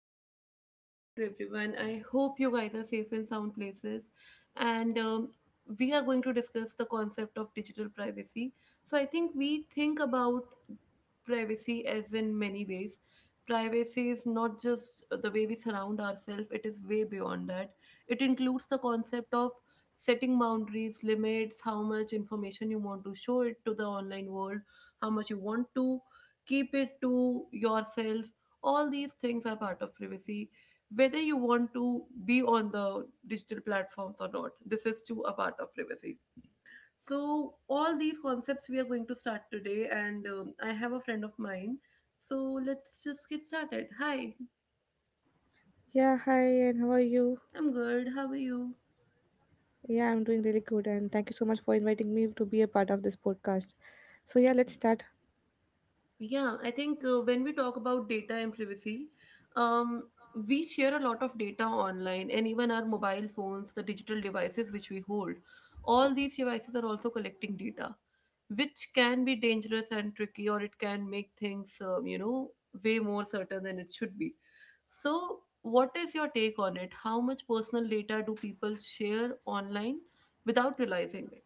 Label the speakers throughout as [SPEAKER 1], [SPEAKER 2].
[SPEAKER 1] very warm good morning to everyone. I hope you guys are safe in sound places. And We are going to discuss the concept of digital privacy. So, I think we think about privacy as in many ways. Privacy is not just the way we surround ourselves, it is way beyond that. It includes the concept of setting boundaries, limits, how much information you want to show it to the online world, how much you want to keep it to yourself, all these things are part of privacy. Whether you want to be on the digital platforms or not, this is too a part of privacy. So all these concepts we are going to start today, and I have a friend of mine, so let's just get started. Hi.
[SPEAKER 2] Yeah, hi, and how are you?
[SPEAKER 1] I'm good, how are you?
[SPEAKER 2] Yeah, I'm doing really good, and thank you so much for inviting me to be a part of this podcast. So, yeah, let's start.
[SPEAKER 1] Yeah, I think when we talk about data and privacy, um, we share a lot of data online, and even our mobile phones, the digital devices which we hold. All these devices are also collecting data, which can be dangerous and tricky, or it can make things, way more certain than it should be. So, what is your take on it? How much personal data do people share online without realizing it?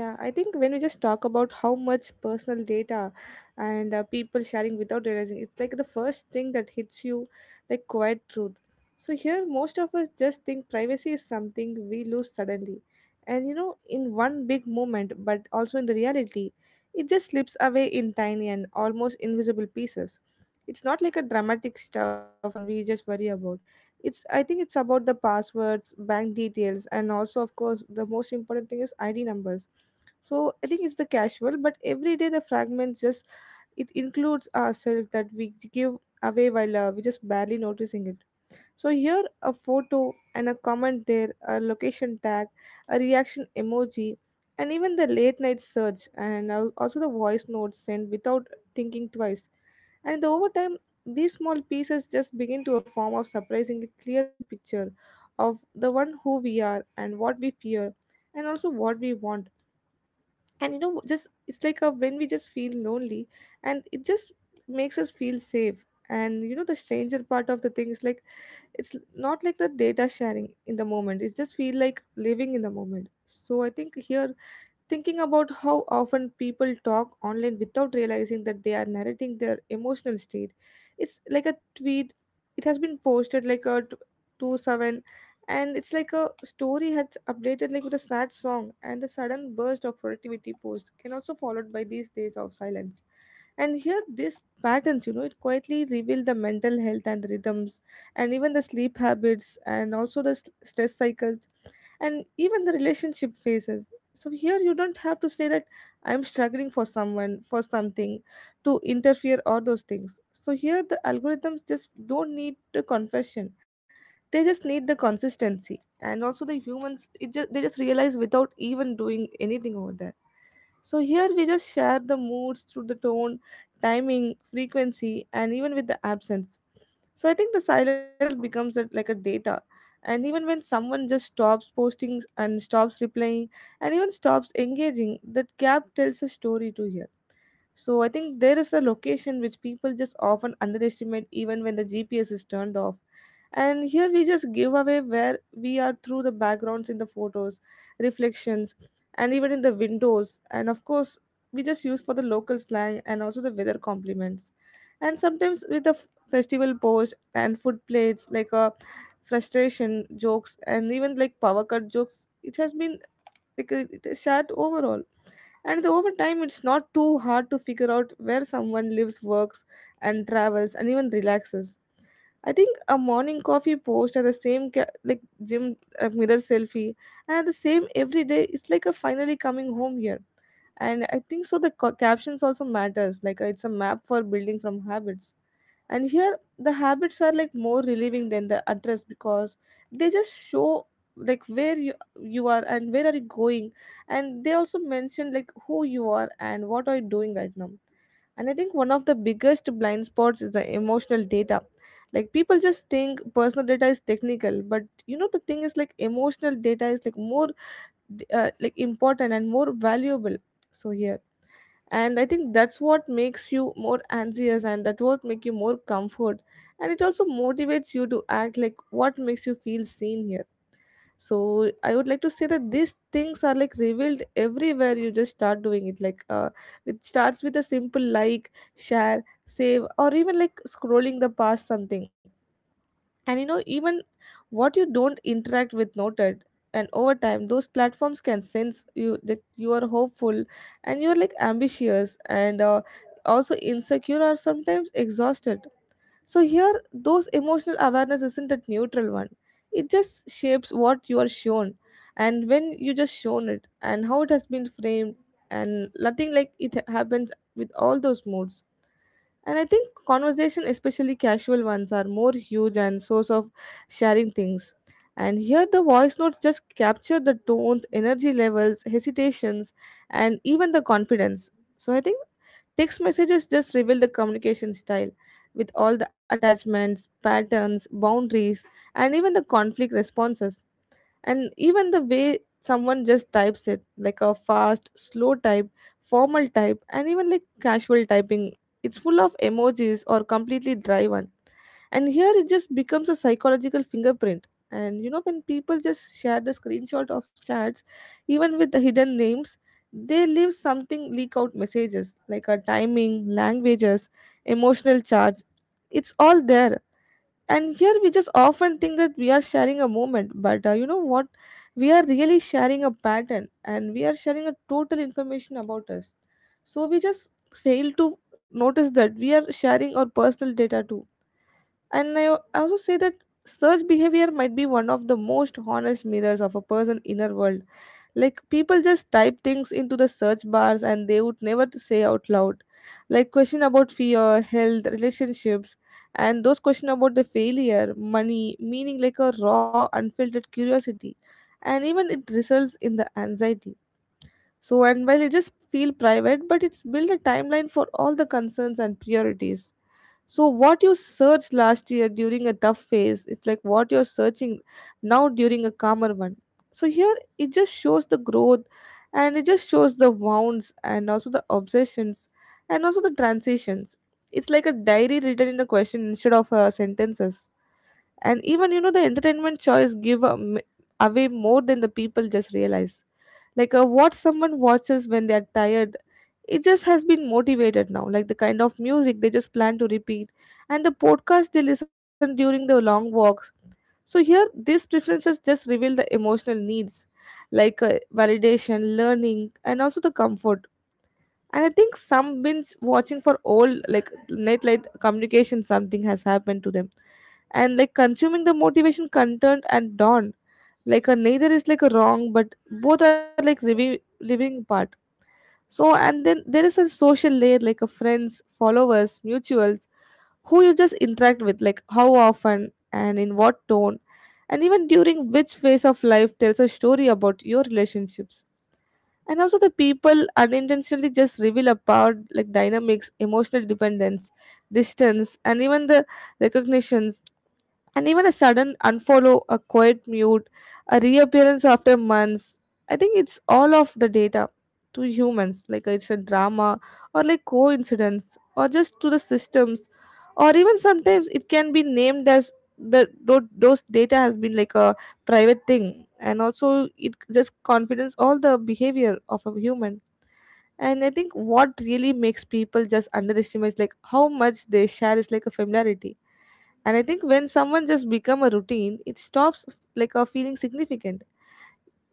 [SPEAKER 2] Yeah, I think when we just talk about how much personal data and people sharing without realizing, it's like the first thing that hits you, like quiet truth. So here, most of us just think privacy is something we lose suddenly, and you know, in one big moment, but also in the reality, it just slips away in tiny and almost invisible pieces. It's not like a dramatic stuff, and we just worry about. It's I think it's about the passwords, bank details, and also of course the most important thing is ID numbers, so I think it's the casual, but every day the fragments just it includes ourselves that we give away while we just barely noticing it. So here a photo and a comment there, a location tag, a reaction emoji, and even the late night search, and also the voice notes sent without thinking twice. And the over time, these small pieces just begin to a form of surprisingly clear picture of the one who we are and what we fear, and also what we want, and you know just it's like a when we just feel lonely and it just makes us feel safe, and you know the stranger part of the thing is like it's not like the data sharing in the moment it's just feel like living in the moment so I think here thinking about how often people talk online without realizing that they are narrating their emotional state, it's like a tweet. It has been posted like a 2-7, and it's like a story has updated like with a sad song and the sudden burst of productivity post can also followed by these days of silence. And here these patterns, you know, it quietly reveal the mental health and rhythms and even the sleep habits and also the stress cycles and even the relationship phases. So here you don't have to say that I'm struggling for someone, for something, to interfere or those things. So here the algorithms just don't need the confession. They just need the consistency. And also the humans it just they just realize without even doing anything over there. So here we just share the moods through the tone, timing, frequency, and even with the absence, so I think the silence itself becomes a, like a data. And even when someone just stops posting and stops replying and even stops engaging, that gap tells a story to hear. So I think there is a location which people just often underestimate even when the GPS is turned off. And here we just give away where we are through the backgrounds in the photos, reflections, and even in the windows. And of course, we just use for the local slang and also the weather compliments. And sometimes with the festival post and food plates, like a frustration jokes and even like power cut jokes, it has been like it is shared overall and over time, it's not too hard to figure out where someone lives, works, and travels, and even relaxes. I think a morning coffee post at the same like gym mirror selfie and at the same every day it's like a finally coming home here, and I think so the captions also matters like it's a map for building from habits, and here the habits are like more relieving than the address because they just show like where you are and where are you going, and they also mention like who you are and what are you doing right now. And I think one of the biggest blind spots is the emotional data, like people just think personal data is technical but you know the thing is like emotional data is like more like important and more valuable. So here, and I think that's what makes you more anxious and that what make you more comfort, and it also motivates you to act like what makes you feel seen here. So I would like to say that these things are like revealed everywhere you just start doing it like it starts with a simple like share save or even like scrolling the past something. And you know even what you don't interact with noted, and over time those platforms can sense you that you are hopeful and you're like ambitious and also insecure or sometimes exhausted. So here those emotional awareness isn't a neutral one, it just shapes what you are shown and when you just shown it and how it has been framed, and nothing like it happens with all those moods. And I think conversation, especially casual ones, are more huge and source of sharing things. And here the voice notes just capture the tones, energy levels, hesitations, and even the confidence. So I think text messages just reveal the communication style with all the attachments, patterns, boundaries, and even the conflict responses, and even the way someone just types it like a fast slow type, formal type, and even like casual typing, it's full of emojis or completely dry one. And here it just becomes a psychological fingerprint, and you know when people just share the screenshot of chats even with the hidden names, they leave something leak out messages like a timing languages, emotional charge, it's all there. And here we just often think that we are sharing a moment but you know what, we are really sharing a pattern and we are sharing a total information about us, so we just fail to notice that we are sharing our personal data too. And I also say that search behavior might be one of the most honest mirrors of a person's inner world. Like people just type things into the search bars and they would never to say out loud. Like question about fear, health, relationships, and those question about the failure, money, meaning, like a raw, unfiltered curiosity. And even it results in the anxiety. So and while it just feel private, but it's built a timeline for all the concerns and priorities. So what you searched last year during a tough phase, it's like what you're searching now during a calmer one. So here it just shows the growth, and it just shows the wounds and also the obsessions and also the transitions. It's like a diary written in a question instead of sentences. And even you know the entertainment choice give away more than the people just realize, like what someone watches when they're tired, it just has been motivated now like the kind of music they just plan to repeat and the podcast they listen during the long walks. So here these preferences just reveal the emotional needs, like validation learning and also the comfort. And I think some bins watching for old like net light communication something has happened to them, and like consuming the motivation content and dawn, like a neither is like a wrong but both are like living, living part. So and then there is a social layer like a friends followers mutuals who you just interact with, like how often and in what tone and even during which phase of life tells a story about your relationships, and also the people unintentionally just reveal a power like dynamics, emotional dependence, distance, and even the recognitions, and even a sudden unfollow, a quiet mute, a reappearance after months. I think it's all of the data to humans, like it's a drama or like coincidence or just to the systems, or even sometimes it can be named as the those data has been like a private thing and also it just confidence all the behavior of a human. And I think what really makes people just underestimate like how much they share is like a familiarity. And I think when someone just become a routine, it stops like a feeling significant.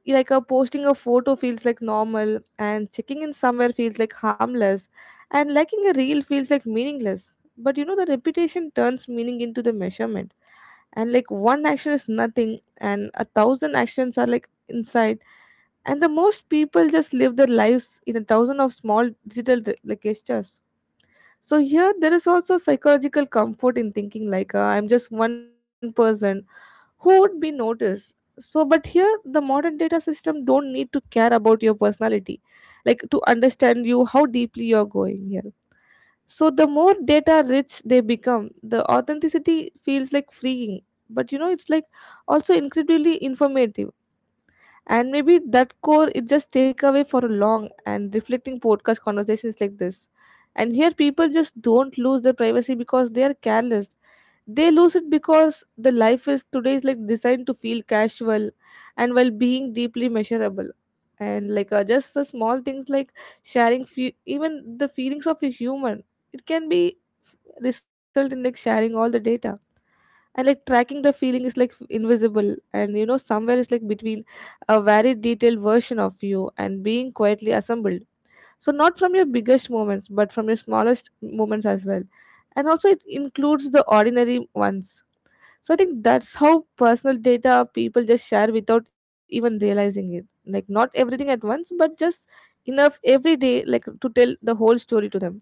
[SPEAKER 2] Like a posting a photo feels like normal, and checking in somewhere feels like harmless, and liking a reel feels like meaningless. But you know the repetition turns meaning into the measurement, and like one action is nothing, and a thousand actions are like inside. And the most people just live their lives in a thousand of small digital like gestures. So here there is also psychological comfort in thinking I'm just one person who would be noticed. So but here the modern data system don't need to care about your personality, like to understand you how deeply you're going here. So the more data rich they become, the authenticity feels like freeing, but you know it's like also incredibly informative. And maybe that core it just take away for a long and reflecting podcast conversations like this. And here people just don't lose their privacy because they are careless. They lose it because the life is today is like designed to feel casual and while being deeply measurable. And just the small things like sharing even the feelings of a human, it can be result in like sharing all the data. And like tracking the feeling is like invisible, and you know somewhere is like between a very detailed version of you and being quietly assembled. So not from your biggest moments, but from your smallest moments as well. And also it includes the ordinary ones. So I think that's how personal data people just share without even realizing it, like not everything at once but just enough every day like to tell the whole story to them.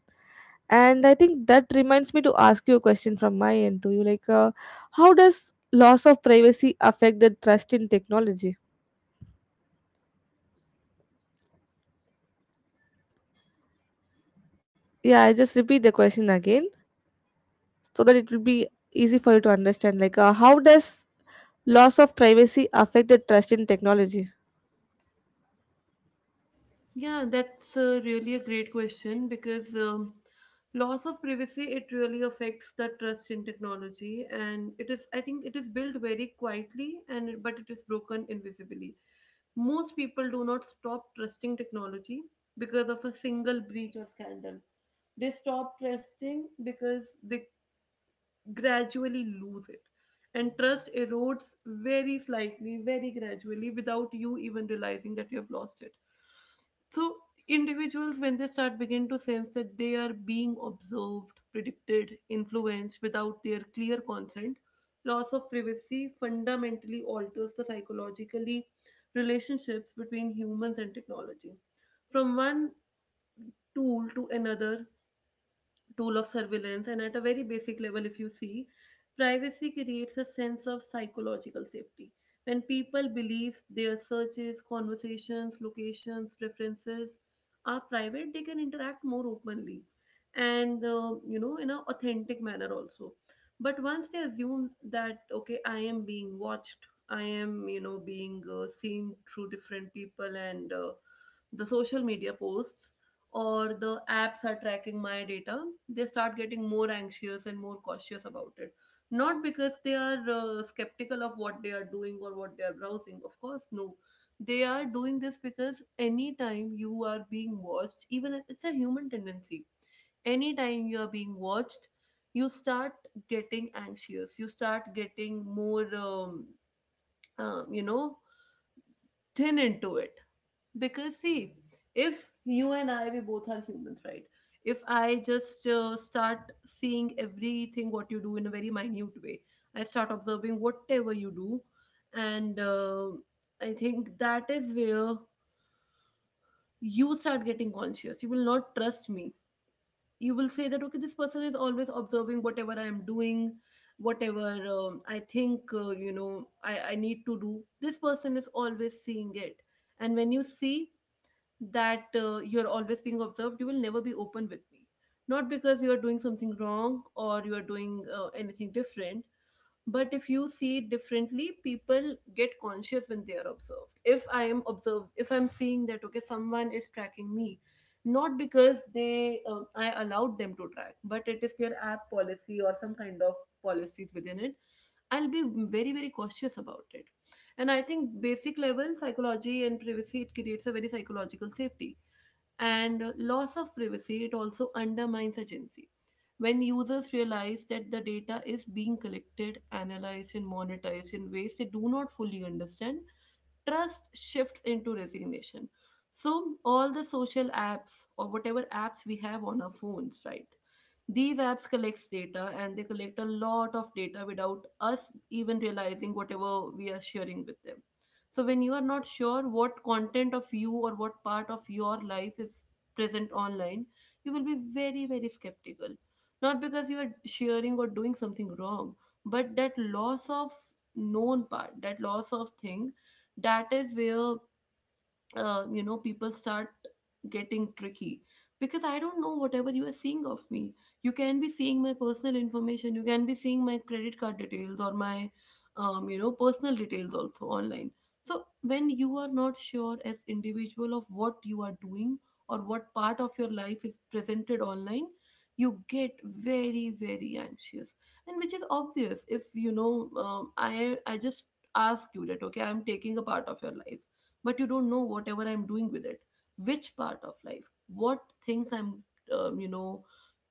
[SPEAKER 2] And I think that reminds me to ask you a question from my end to you, how does loss of privacy affect the trust in technology? Yeah, I just repeat the question again so that it will be easy for you to understand, how does loss of privacy affect the trust in technology?
[SPEAKER 1] Yeah, that's really a great question because loss of privacy, it really affects the trust in technology, and it is, I think it is built very quietly and but it is broken invisibly. Most people do not stop trusting technology because of a single breach or scandal. They stop trusting because they gradually lose it. And trust erodes very slightly, very gradually, without you even realizing that you have lost it. So individuals, when they start begin to sense that they are being observed, predicted, influenced without their clear consent, loss of privacy fundamentally alters the psychologically relationships between humans and technology. From one tool to another tool of surveillance. And at a very basic level, if you see, privacy creates a sense of psychological safety. When people believe their searches, conversations, locations, preferences are private, they can interact more openly and, in an authentic manner also. But once they assume that, okay, I am being watched, I am, you know, being seen through different people and the social media posts, or the apps are tracking my data, they start getting more anxious and more cautious about it. Not because they are skeptical of what they are doing or what they are browsing. Of course, no. They are doing this because anytime you are being watched, even it's a human tendency, anytime you are being watched, you start getting anxious. You start getting more, um, you know, thin into it because, see, if you and I, we both are humans, right? If I just start seeing everything what you do in a very minute way, I start observing whatever you do, and I think that is where you start getting conscious. You will not trust me. You will say that okay, this person is always observing whatever I am doing, whatever I think you know, I need to do. This person is always seeing it, and when you see that you're always being observed, you will never be open with me. Not because you are doing something wrong or you are doing anything different, but if you see it differently, people get conscious when they are observed. If I am observed, if I'm seeing that okay, someone is tracking me, not because they, I allowed them to track, but it is their app policy or some kind of policies within it, I'll be very, very cautious about it. And I think basic level psychology and privacy, it creates a very psychological safety. And loss of privacy, it also undermines agency. When users realize that the data is being collected, analyzed and monetized in ways they do not fully understand, trust shifts into resignation. So all the social apps or whatever apps we have on our phones, right, these apps collects data, and they collect a lot of data without us even realizing whatever we are sharing with them. So when you are not sure what content of you or what part of your life is present online, you will be very, very skeptical. Not because you are sharing or doing something wrong, but that loss of known part, that loss of thing, that is where you know, people start getting tricky, because I don't know whatever you are seeing of me. You can be seeing my personal information, you can be seeing my credit card details or my, you know, personal details also online. So when you are not sure as individual of what you are doing or what part of your life is presented online, you get very, very anxious. And which is obvious, if you know, I just ask you that okay, I'm taking a part of your life, but you don't know whatever I'm doing with it, which part of life, what things I'm, you know,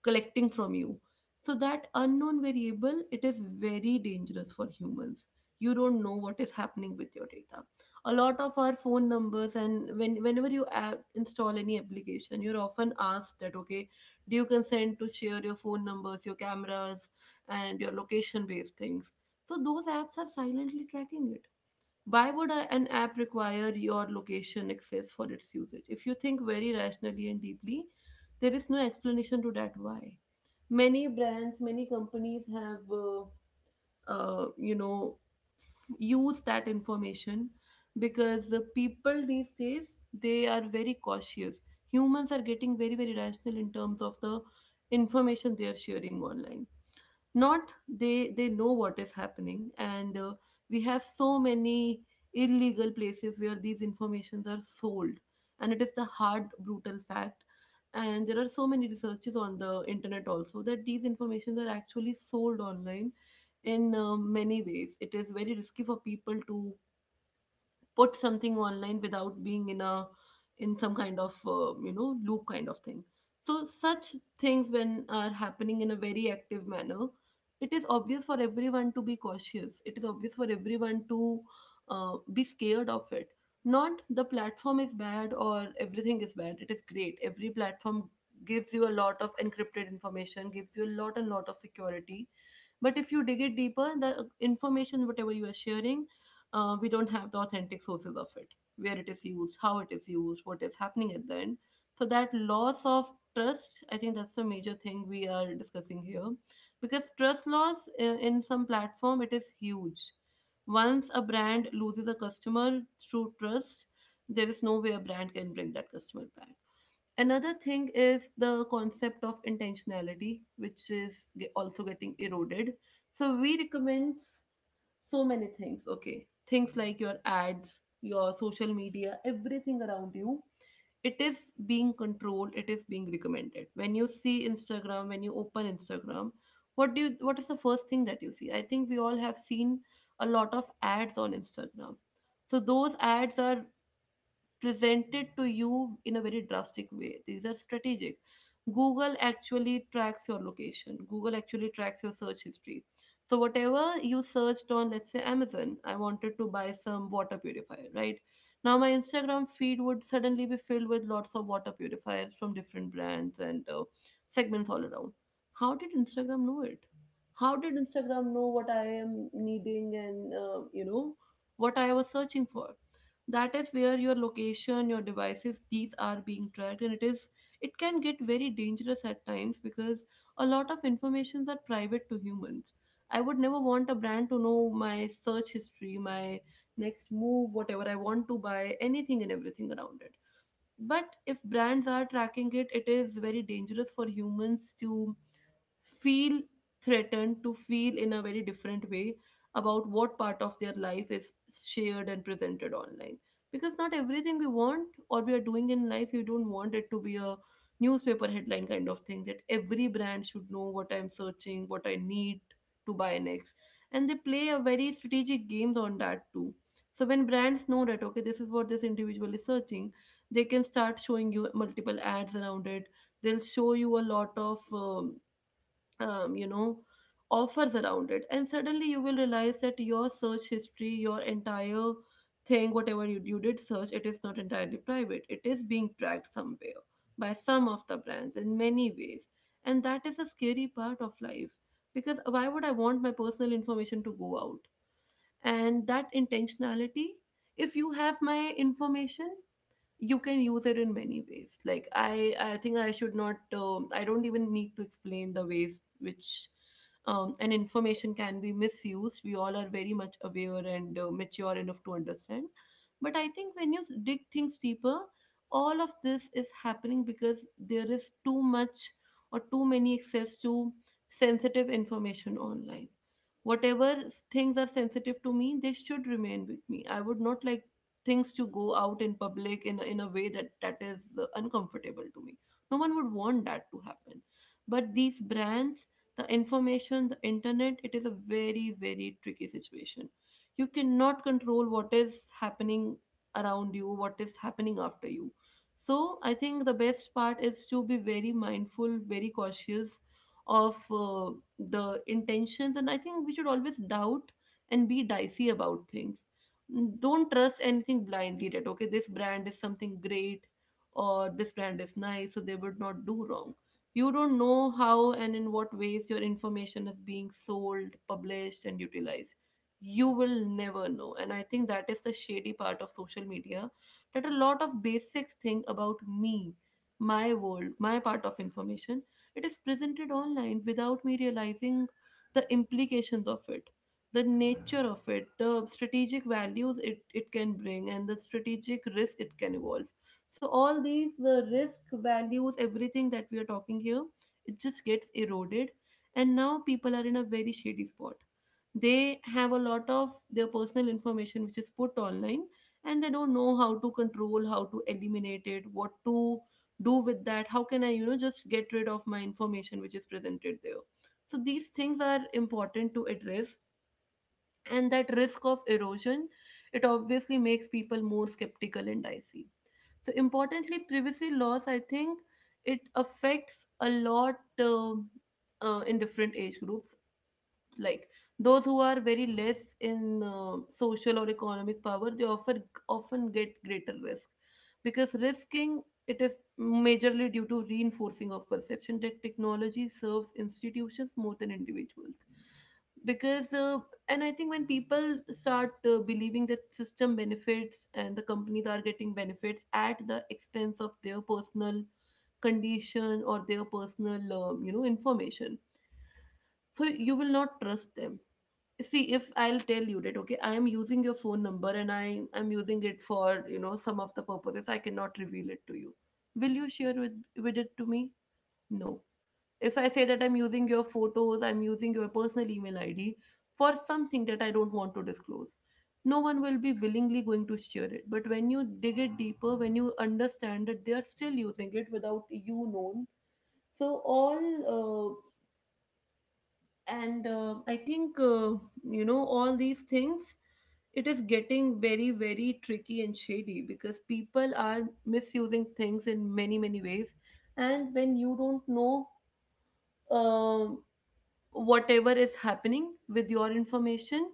[SPEAKER 1] collecting from you. So that unknown variable, it is very dangerous for humans. You don't know what is happening with your data. A lot of our phone numbers, and when whenever you add, install any application, you're often asked that okay, do you consent to share your phone numbers, your cameras and your location based things. So those apps are silently tracking it. Why would an app require your location access for its usage? If you think very rationally and deeply, there is no explanation to that why. Many brands, many companies have, uh, you know, use that information, because the people these days, they are very cautious. Humans are getting very, very rational in terms of the information they are sharing online. Not, they know what is happening. And We have so many illegal places where these informations are sold, and it is the hard brutal fact. And there are so many researches on the internet also that these informations are actually sold online in many ways. It is very risky for people to put something online without being in a in some kind of loop kind of thing. So such things when are happening in a very active manner, it is obvious for everyone to be cautious, it is obvious for everyone to be scared of it. Not the platform is bad or everything is bad, it is great. Every platform gives you a lot of encrypted information, gives you a lot and lot of security, but if you dig it deeper, the information whatever you are sharing, we don't have the authentic sources of it, where it is used, how it is used, what is happening at the end. So that loss of trust, I think that's a major thing we are discussing here, because trust loss in some platform, it is huge. Once a brand loses a customer through trust, there is no way a brand can bring that customer back. Another thing is the concept of intentionality, which is also getting eroded. So we recommend so many things, okay, things like your ads, your social media, everything around you, it is being controlled, it is being recommended. When you see Instagram, when you open Instagram, what do you, what is the first thing that you see? I think we all have seen a lot of ads on Instagram. So those ads are presented to you in a very drastic way. These are strategic. Google actually tracks your location, Google actually tracks your search history. So, whatever you searched on, let's say Amazon, I wanted to buy some water purifier, right? Now, my Instagram feed would suddenly be filled with lots of water purifiers from different brands and segments all around. How did Instagram know it? How did Instagram know what I am needing and, what I was searching for? That is where your location, your devices, these are being tracked, and it can get very dangerous at times because a lot of informations are private to humans. I would never want a brand to know my search history, my next move, whatever I want to buy, anything and everything around it. But if brands are tracking it, it is very dangerous for humans to feel threatened, to feel in a very different way about what part of their life is shared and presented online, because not everything we want or we are doing in life, you don't want it to be a newspaper headline kind of thing, that every brand should know what I'm searching, what I need to buy next. And they play a very strategic games on that too. So when brands know that, okay, this is what this individual is searching, they can start showing you multiple ads around it. They'll show you a lot of um, you know offers around it, and suddenly you will realize that your search history, your entire thing, whatever you did search, it is not entirely private. It is being tracked somewhere by some of the brands in many ways. And that is a scary part of life, because why would I want my personal information to go out? And that intentionality, if you have my information, you can use it in many ways. Like, I think I should not. I don't even need to explain the ways which an information can be misused. We all are very much aware and mature enough to understand. But I think when you dig things deeper, all of this is happening because there is too much or too many access to sensitive information online. Whatever things are sensitive to me, they should remain with me. I would not like things to go out in public in a way that that is uncomfortable to me. No one would want that to happen. But these brands, the information, the internet, it is a very very tricky situation. You cannot control what is happening around you, what is happening after you. So I think the best part is to be very mindful, very cautious of the intentions. And I think we should always doubt and be dicey about things. Don't trust anything blindly that, okay, this brand is something great, or this brand is nice, so they would not do wrong. You don't know how and in what ways your information is being sold, published, and utilized. You will never know. And I think that is the shady part of social media, that a lot of basic thing about me, my world, my part of information, it is presented online without me realizing the implications of it, the nature of it, the strategic values it can bring, and the strategic risk it can evolve. So all these the risk values, everything that we are talking here, it just gets eroded. And now people are in a very shady spot. They have a lot of their personal information which is put online, and they don't know how to control, how to eliminate it, what to do with that, how can I, you know, just get rid of my information which is presented there. So these things are important to address, and that risk of erosion, it obviously makes people more skeptical and dicey. So importantly, privacy laws, I think it affects a lot in different age groups. Like those who are very less in social or economic power, they often get greater risk, because risking, it is majorly due to reinforcing of perception that technology serves institutions more than individuals. Because and I think when people start believing that system benefits and the companies are getting benefits at the expense of their personal condition or their personal information, so you will not trust them. See, if I'll tell you that, okay, I am using your phone number and I am using it for, you know, some of the purposes I cannot reveal it to you, will you share with it to me? No. If I say that I'm using your photos, I'm using your personal email ID for something that I don't want to disclose, no one will be willingly going to share it. But when you dig it deeper, when you understand that they are still using it without you known, so all and I think you know, all these things, it is getting very very tricky and shady because people are misusing things in many many ways. And when you don't know, um, whatever is happening with your information,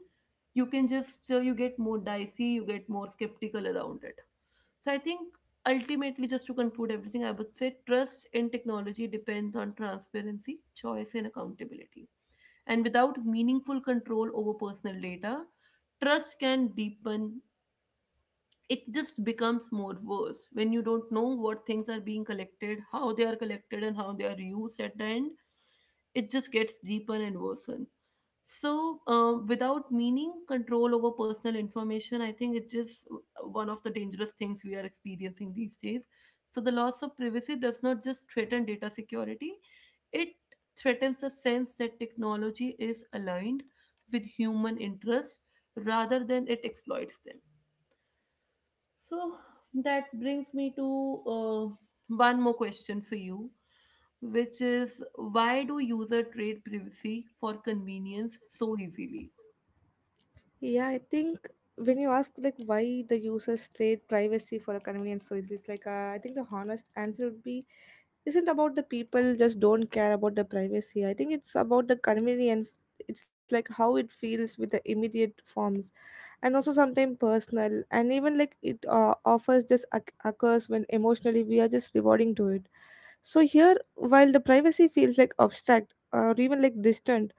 [SPEAKER 1] you can just, so you get more dicey, you get more skeptical around it. So I think ultimately, just to conclude everything, I would say trust in technology depends on transparency, choice, and accountability. And without meaningful control over personal data, trust can deepen. It just becomes more worse when you don't know what things are being collected, how they are collected, and how they are used at the end. It just gets deeper and worsen. So, without meaning, control over personal information, I think it's just one of the dangerous things we are experiencing these days. So the loss of privacy does not just threaten data security, it threatens the sense that technology is aligned with human interest rather than it exploits them. So that brings me to uh, one more question for you, which is, why do user trade privacy for convenience so easily?
[SPEAKER 2] Yeah, I think when you ask like why the users trade privacy for a convenience so easily, it's I think the honest answer would be isn't about the people just don't care about the privacy. I think it's about the convenience. It's like how it feels with the immediate forms, and also sometimes personal, and even like it offers just occurs when emotionally we are just rewarding to it. So here, while the privacy feels like abstract or even like distant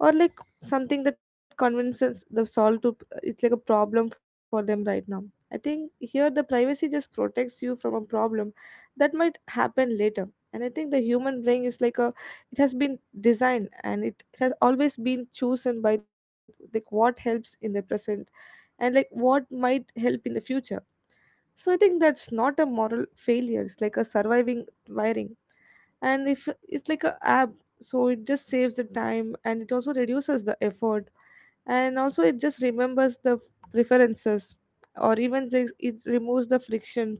[SPEAKER 2] or like something that convinces the solve to, it's like a problem for them right now. I think here the privacy just protects you from a problem that might happen later. And I think the human brain is like a, it has been designed, and it has always been chosen by like what helps in the present and like what might help in the future. So I think that's not a moral failure. It's like a surviving wiring. And if it's like a app, so it just saves the time, and it also reduces the effort, and also it just remembers the preferences, or even just it removes the frictions.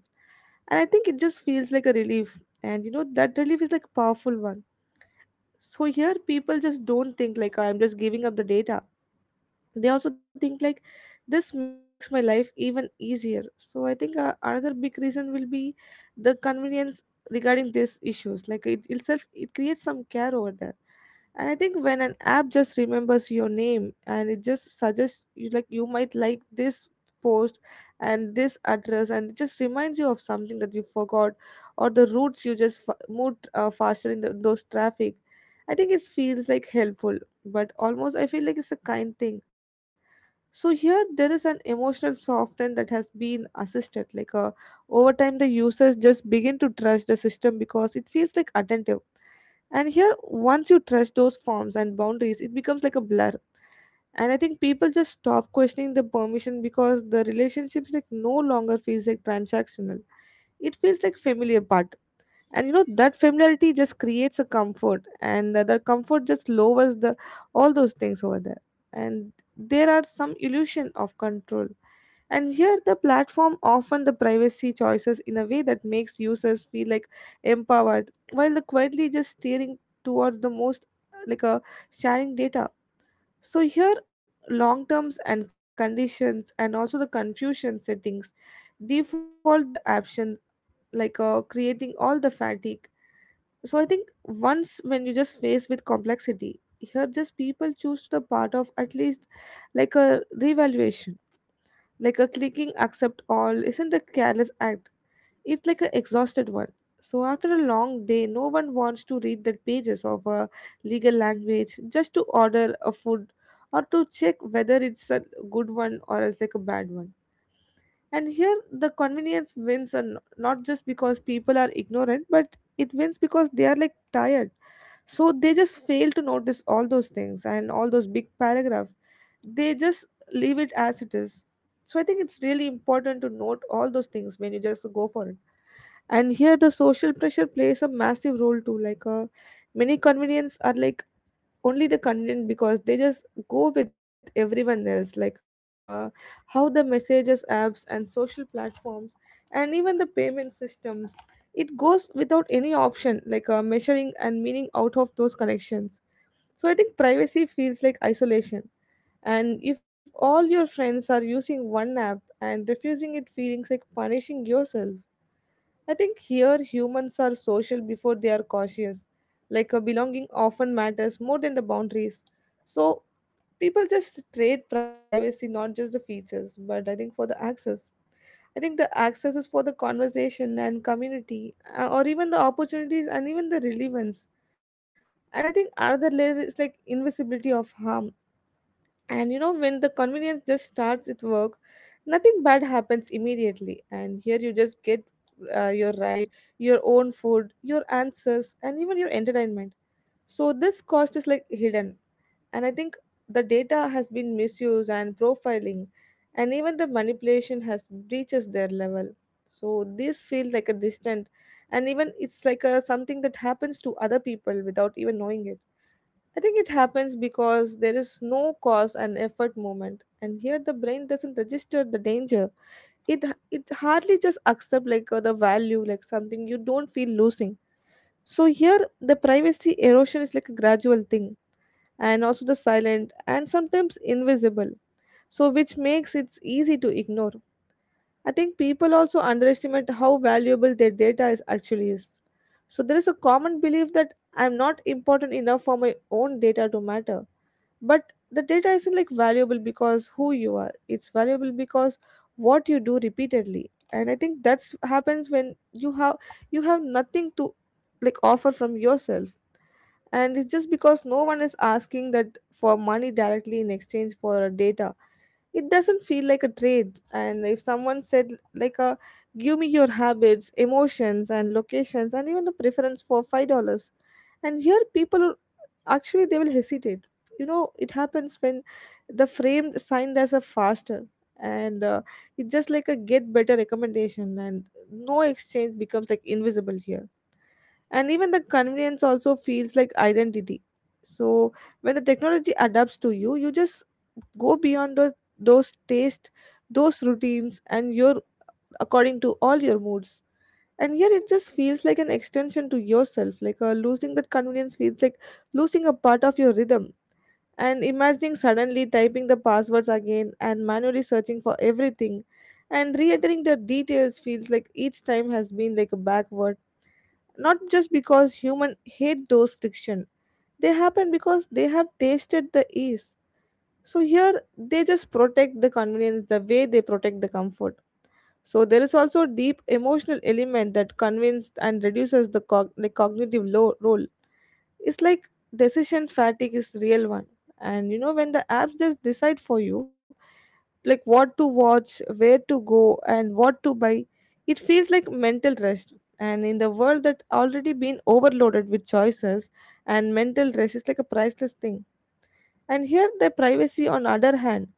[SPEAKER 2] And I think it just feels like a relief, and you know that relief is like a powerful one. So here people just don't think like I'm just giving up the data. They also think like this makes my life even easier. So I think another big reason will be the convenience regarding these issues, like it itself it creates some care over there. And I think when an app just remembers your name, and it just suggests you like you might like this post, and this address, and it just reminds you of something that you forgot, or the routes you just moved faster in those traffic, I think it feels like helpful. But almost I feel like it's a kind thing. So here there is an emotional softening that has been assisted. Over time, the users just begin to trust the system because it feels like attentive. And here, once you trust those forms and boundaries, it becomes like a blur. And I think people just stop questioning the permission because the relationships like no longer feels like transactional. It feels like familiar part. And you know that familiarity just creates a comfort, and the that comfort just lowers the all those things over there. And there are some illusion of control. And here the platform often the privacy choices in a way that makes users feel like empowered while the quietly just steering towards the most like a sharing data. So here long terms and conditions, and also the confusion settings, default the option, creating all the fatigue. So I think once when you just face with complexity, here just people choose the part of at least like a revaluation. Like a clicking accept all isn't a careless act, it's like an exhausted one. So after a long day no one wants to read the pages of a legal language just to order a food, or to check whether it's a good one or it's like a bad one. And here the convenience wins, and not just because people are ignorant, but it wins because they are like tired. So they just fail to notice all those things and all those big paragraph. They just leave it as it is. So I think it's really important to note all those things when you just go for it. And here the social pressure plays a massive role too. Many convenience are like only the convenient because they just go with everyone else, how the messages apps and social platforms and even the payment systems, it goes without any option, measuring and meaning out of those connections. So I think privacy feels like isolation. And if all your friends are using one app and refusing it feelings like punishing yourself, I think here humans are social before they are cautious. Like a belonging often matters more than the boundaries. So people just trade privacy, not just the features, but I think for the access. I think the access is for the conversation and community, or even the opportunities and even the relevance. And I think another layer is like invisibility of harm. And you know, when the convenience just starts at work, nothing bad happens immediately. And here you just get your ride, your own food, your answers, and even your entertainment. So this cost is like hidden. And I think the data has been misused and profiling, and even the manipulation has breaches their level. So this feels like a distant, and even it's like a something that happens to other people without even knowing it. I think it happens because there is no cause and effort moment, and here the brain doesn't register the danger. It hardly just accept the value, like something you don't feel losing. So here the privacy erosion is like a gradual thing, and also the silent and sometimes invisible. So which makes it easy to ignore. I think people also underestimate how valuable their data is actually is. So there is a common belief that I'm not important enough for my own data to matter, but the data isn't like valuable because who you are, it's valuable because what you do repeatedly. And I think that's happens when you have, you have nothing to like offer from yourself. And it's just because no one is asking that for money directly in exchange for data, it doesn't feel like a trade. And if someone said like a give me your habits, emotions, and locations, and even a preference for $5, and here people actually, they will hesitate. You know, it happens when the frame signed as a faster, and it's just like a get better recommendation, and no exchange becomes like invisible here. And even the convenience also feels like identity. So when the technology adapts to you, you just go beyond those taste, those routines, and your according to all your moods. And yet it just feels like an extension to yourself, losing that convenience feels like losing a part of your rhythm. And imagining suddenly typing the passwords again, and manually searching for everything, and re-entering the details feels like each time has been like a backward, not just because human hate those friction. They happen because they have tasted the ease. So here they just protect the convenience the way they protect the comfort. So there is also deep emotional element that convinces and reduces the like cognitive role. It's like decision fatigue is real one. And you know when the apps just decide for you like what to watch, where to go, and what to buy, it feels like mental rest. And in the world that already been overloaded with choices, and mental rest is like a priceless thing. And here the privacy on other hand,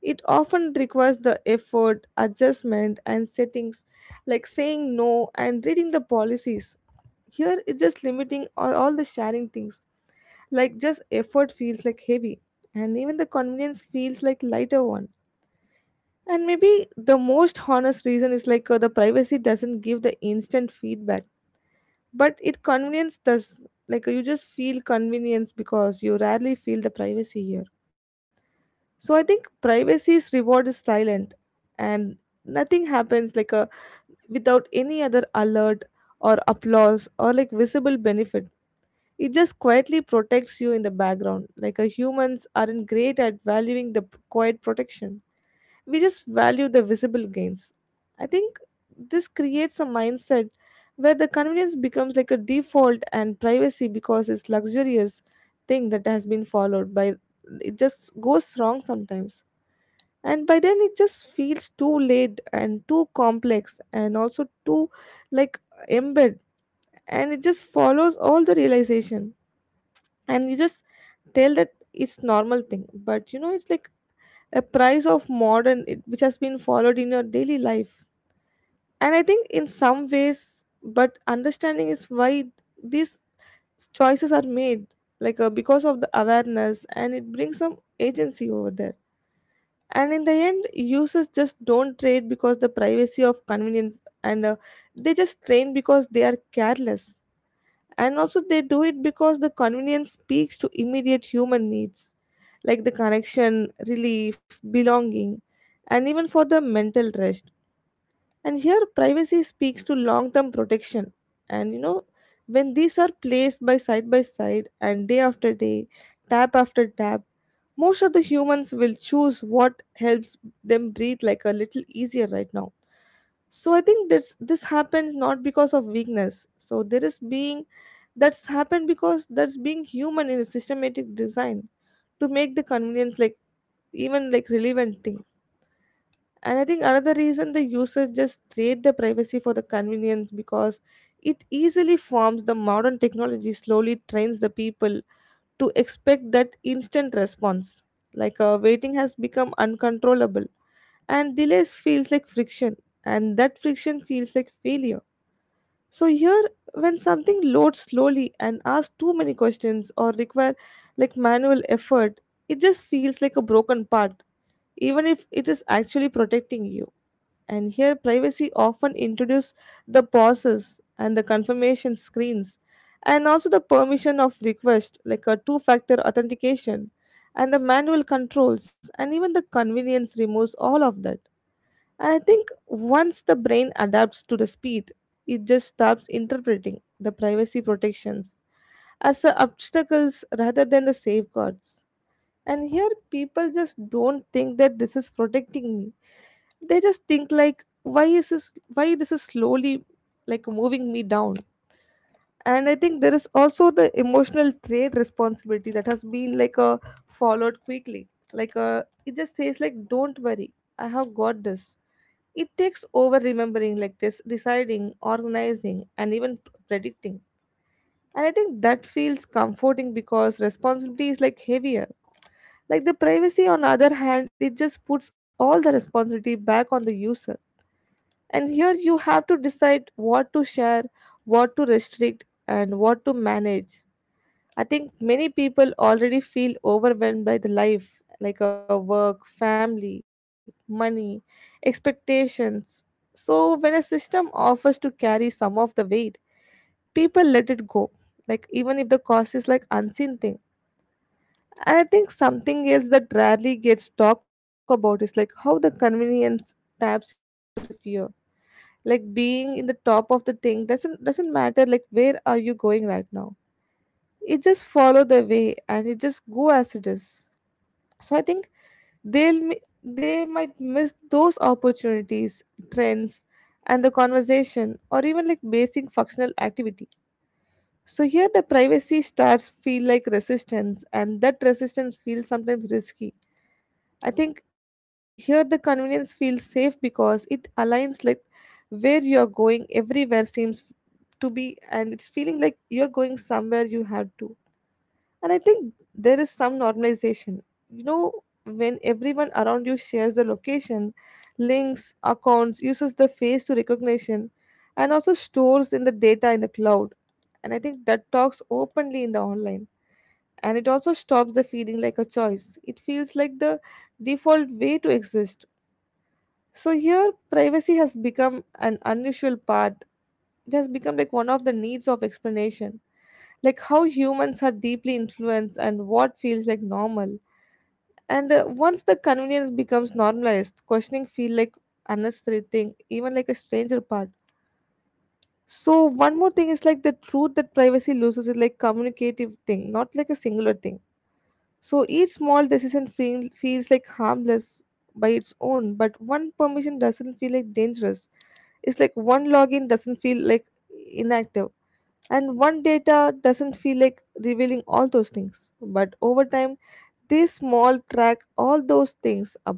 [SPEAKER 2] it often requires the effort, adjustment, and settings, like saying no and reading the policies. Here, it's just limiting all the sharing things. Like, just effort feels like heavy, and even the convenience feels like lighter one. And maybe the most honest reason is the privacy doesn't give the instant feedback, but it convenience does. You just feel convenience because you rarely feel the privacy here. So I think privacy's reward is silent, and nothing happens like a, without any other alert or applause or like visible benefit. It just quietly protects you in the background. Like a humans aren't great at valuing the quiet protection. We just value the visible gains. I think this creates a mindset where the convenience becomes like a default, and privacy, because it's luxurious thing that has been followed by, it just goes wrong sometimes, and by then it just feels too late and too complex and also too like embed, and it just follows all the realization, and you just tell that it's normal thing. But you know, it's like a price of modern it, which has been followed in your daily life. And I think in some ways but understanding is why these choices are made, like because of the awareness, and it brings some agency over there. And in the end, users just don't trade because the privacy of convenience, and they just train because they are careless. And also they do it because the convenience speaks to immediate human needs, like the connection relief belonging, and even for the mental rest. And here privacy speaks to long term protection. And you know, when these are placed by side and day after day, tap after tap, most of the humans will choose what helps them breathe like a little easier right now. So I think this happens not because of weakness, so there is being that's happened because that's being human in a systematic design to make the convenience like even like relevant thing. And I think another reason the users just trade the privacy for the convenience, because it easily forms the modern technology slowly trains the people to expect that instant response. Like waiting has become uncontrollable, and delays feels like friction, and that friction feels like failure. So here, when something loads slowly and asks too many questions or require like manual effort, it just feels like a broken part, even if it is actually protecting you. And here, privacy often introduces the pauses and the confirmation screens, and also the permission of request, like a two factor authentication, and the manual controls, and even the convenience removes all of that. And I think once the brain adapts to the speed, it just stops interpreting the privacy protections as a obstacles rather than the safeguards. And here people just don't think that this is protecting me, they just think like why is this, why this is slowly like moving me down. And I think there is also the emotional trade responsibility that has been like a followed quickly, like it just says like don't worry, I have got this. It takes over remembering like this deciding organizing and even predicting. And I think that feels comforting because responsibility is like heavier, like the privacy, on the other hand, it just puts all the responsibility back on the user. And here you have to decide what to share, what to restrict, and what to manage. I think many people already feel overwhelmed by the life, like a work, family, money, expectations. So when a system offers to carry some of the weight, people let it go. Like even if the cost is like unseen thing. I think something else that rarely gets talked about is like how the convenience taps into the fear. Like being in the top of the thing doesn't matter like where are you going right now. It just follow the way and it just go as it is. So I think they might miss those opportunities, trends, and the conversation, or even like basic functional activity. So here the privacy starts feel like resistance, and that resistance feels sometimes risky. I think here the convenience feels safe because it aligns like where you're going everywhere seems to be, and it's feeling like you're going somewhere you have to. And I think there is some normalization. You know, when everyone around you shares the location, links, accounts, uses the face to recognition, and also stores in the data in the cloud. And I think that talks openly in the online. And it also stops the feeling like a choice. It feels like the default way to exist. So here, privacy has become an unusual part. It has become like one of the needs of explanation, like how humans are deeply influenced and what feels like normal. And once the convenience becomes normalized, questioning feel like unnecessary thing, even like a stranger part. So one more thing is like the truth that privacy loses is like communicative thing, not like a singular thing. So each small decision feels like harmless by its own, but one permission doesn't feel like dangerous. It's like one login doesn't feel like inactive, and one data doesn't feel like revealing all those things. But over time, they small track all those things up,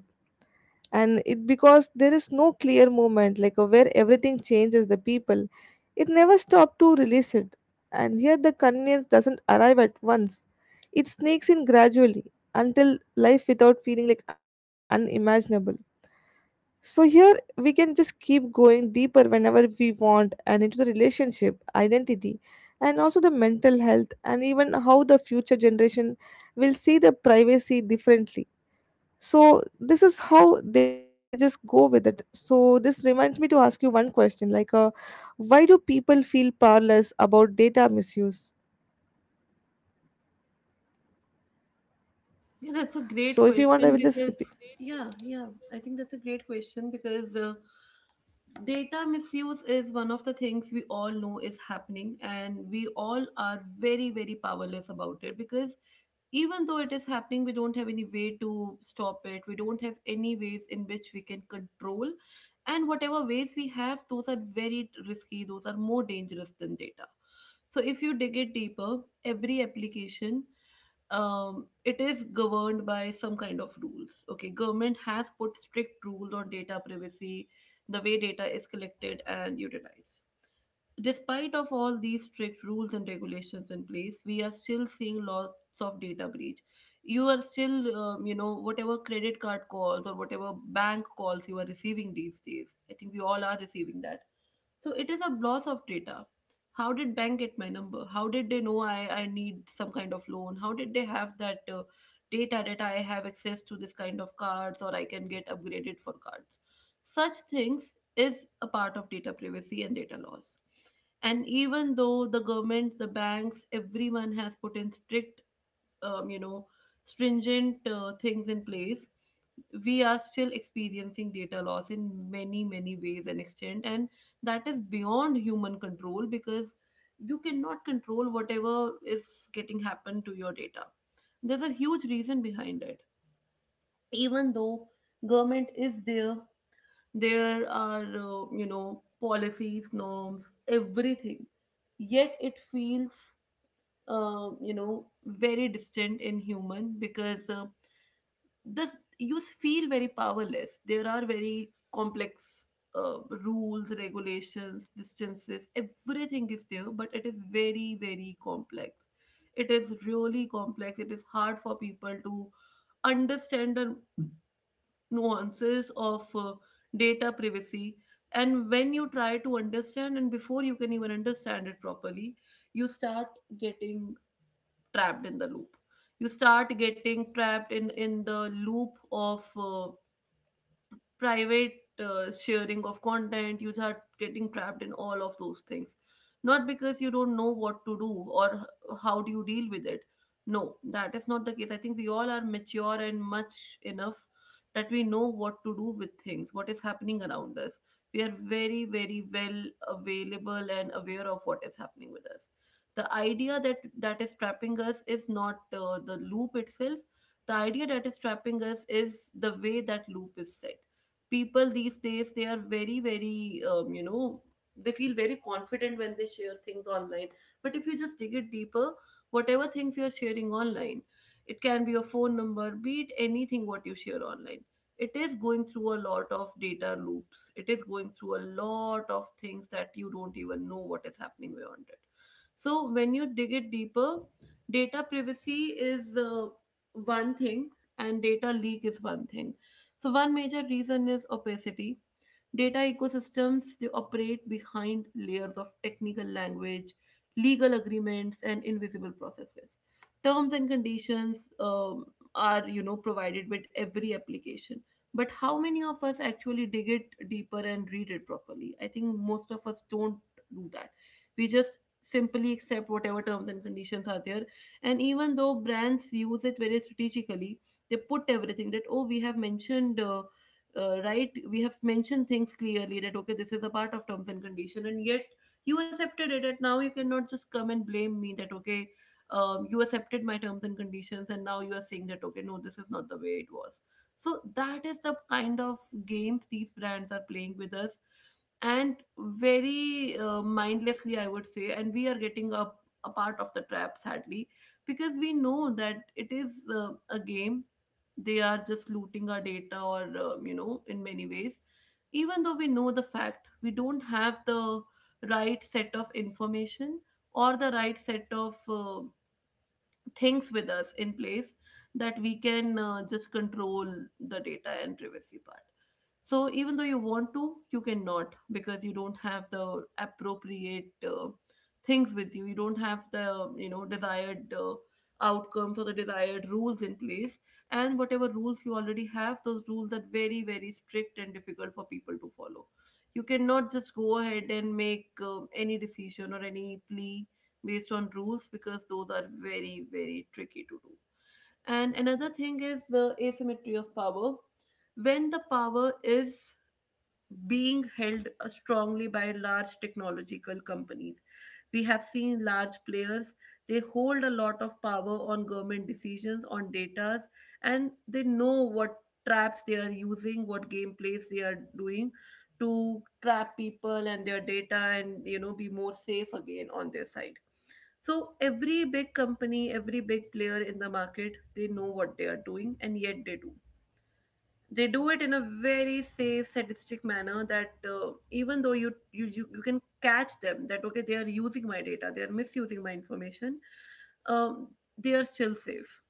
[SPEAKER 2] and it because there is no clear moment, like where everything changes the people, it never stopped to release it. And here the convenience doesn't arrive at once, it sneaks in gradually until life without feeling like unimaginable. So here we can just keep going deeper whenever we want, and into the relationship, identity, and also the mental health, and even how the future generation will see the privacy differently. So this is how they just go with it. So this reminds me to ask you one question, like why do people feel powerless about data misuse?
[SPEAKER 1] Yeah, that's a great
[SPEAKER 2] So if you want I
[SPEAKER 1] question
[SPEAKER 2] will just
[SPEAKER 1] because
[SPEAKER 2] repeat.
[SPEAKER 1] yeah, yeah, I think that's a great question because data misuse is one of the things we all know is happening, and we all are very very powerless about it, because even though it is happening, we don't have any way to stop it. We don't have any ways in which we can control. And whatever ways we have, those are very risky, those are more dangerous than data. So if you dig it deeper, every application, it is governed by some kind of rules. Okay, government has put strict rules on data privacy, the way data is collected and utilized. Despite of all these strict rules and regulations in place, we are still seeing lots of data breach. You are still, whatever credit card calls or whatever bank calls you are receiving these days. I think we all are receiving that. So it is a loss of data. How did bank get my number? How did they know I need some kind of loan? How did they have that data that I have access to this kind of cards, or I can get upgraded for cards? Such things is a part of data privacy and data laws. And even though the government, the banks, everyone has put in strict, um, you know, stringent things in place, we are still experiencing data loss in many, many ways and extent. And that is beyond human control because you cannot control whatever is getting happened to your data. There's a huge reason behind it. Even though government is there, there are, policies, norms, everything, yet it feels, very distant in human, because this you feel very powerless. There are very complex rules, regulations, distances. Everything is there, but it is very, very complex. It is really complex. It is hard for people to understand the nuances of data privacy. And when you try to understand, and before you can even understand it properly, you start getting trapped in the loop. You start getting trapped in the loop of private sharing of content. You start getting trapped in all of those things, not because you don't know what to do or how do you deal with it. No, that is not the case. I think we all are mature and much enough that we know what to do with things, what is happening around us. We are very very well available and aware of what is happening with us. The idea that that is trapping us is not the loop itself. The idea that is trapping us is the way that loop is set. People these days, they are very very they feel very confident when they share things online. But if you just dig it deeper, whatever things you are sharing online, it can be your phone number, be it anything what you share online, it is going through a lot of data loops. It is going through a lot of things that you don't even know what is happening beyond it. So when you dig it deeper, data privacy is one thing, and data leak is one thing. So one major reason is opacity. Data ecosystems, they operate behind layers of technical language, legal agreements, and invisible processes. Terms and conditions are, you know, provided with every application. But how many of us actually dig it deeper and read it properly? I think most of us don't do that. We just simply accept whatever terms and conditions are there. And even though brands use it very strategically, they put everything that, oh, we have mentioned right, we have mentioned things clearly that, okay, this is a part of terms and condition, and yet you accepted it and now you cannot just come and blame me that, okay, you accepted my terms and conditions and now you are saying that, okay, no, this is not the way it was. So that is the kind of games these brands are playing with us, and very mindlessly, I would say, and we are getting a part of the trap, sadly, because we know that it is a game. They are just looting our data, or in many ways. Even though we know the fact, we don't have the right set of information or the right set of things with us in place, that we can just control the data and privacy part. So even though you want to, you cannot because you don't have the appropriate things with you. You don't have the desired outcomes or the desired rules in place. And whatever rules you already have, those rules are very very strict and difficult for people to follow. You cannot just go ahead and make any decision or any plea based on rules because those are very very tricky to do. And another thing is the asymmetry of power, when the power is being held strongly by large technological companies. We have seen large players, they hold a lot of power on government decisions, on datas, and they know what traps they are using, what gameplays they are doing to trap people and their data, and, you know, be more safe again on their side. So every big company, every big player in the market, they know what they are doing, and yet they do it in a very safe, sadistic manner that, even though you can catch them that, okay, they are using my data, they are misusing my information, um, they are still safe.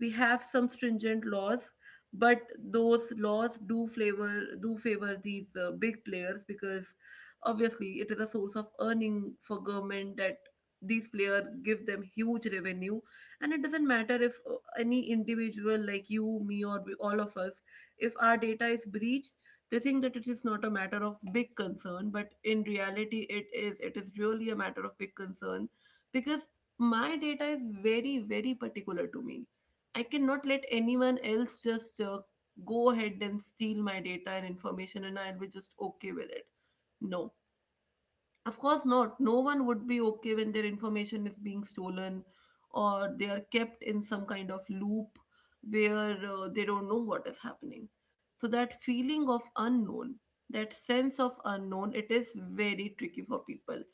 [SPEAKER 1] We have some stringent laws, but those laws do flavor, do favor these big players because obviously it is a source of earning for government, that these players give them huge revenue. And it doesn't matter if any individual like you, me, or we, all of us, if our data is breached, they think that it is not a matter of big concern, but in reality it is really a matter of big concern, because my data is very very particular to me. I cannot let anyone else just go ahead and steal my data and information and I'll be just okay with it. No. Of course not. No one would be okay when their information is being stolen, or they are kept in some kind of loop where they don't know what is happening. So that feeling of unknown, that sense of unknown, it is very tricky for people.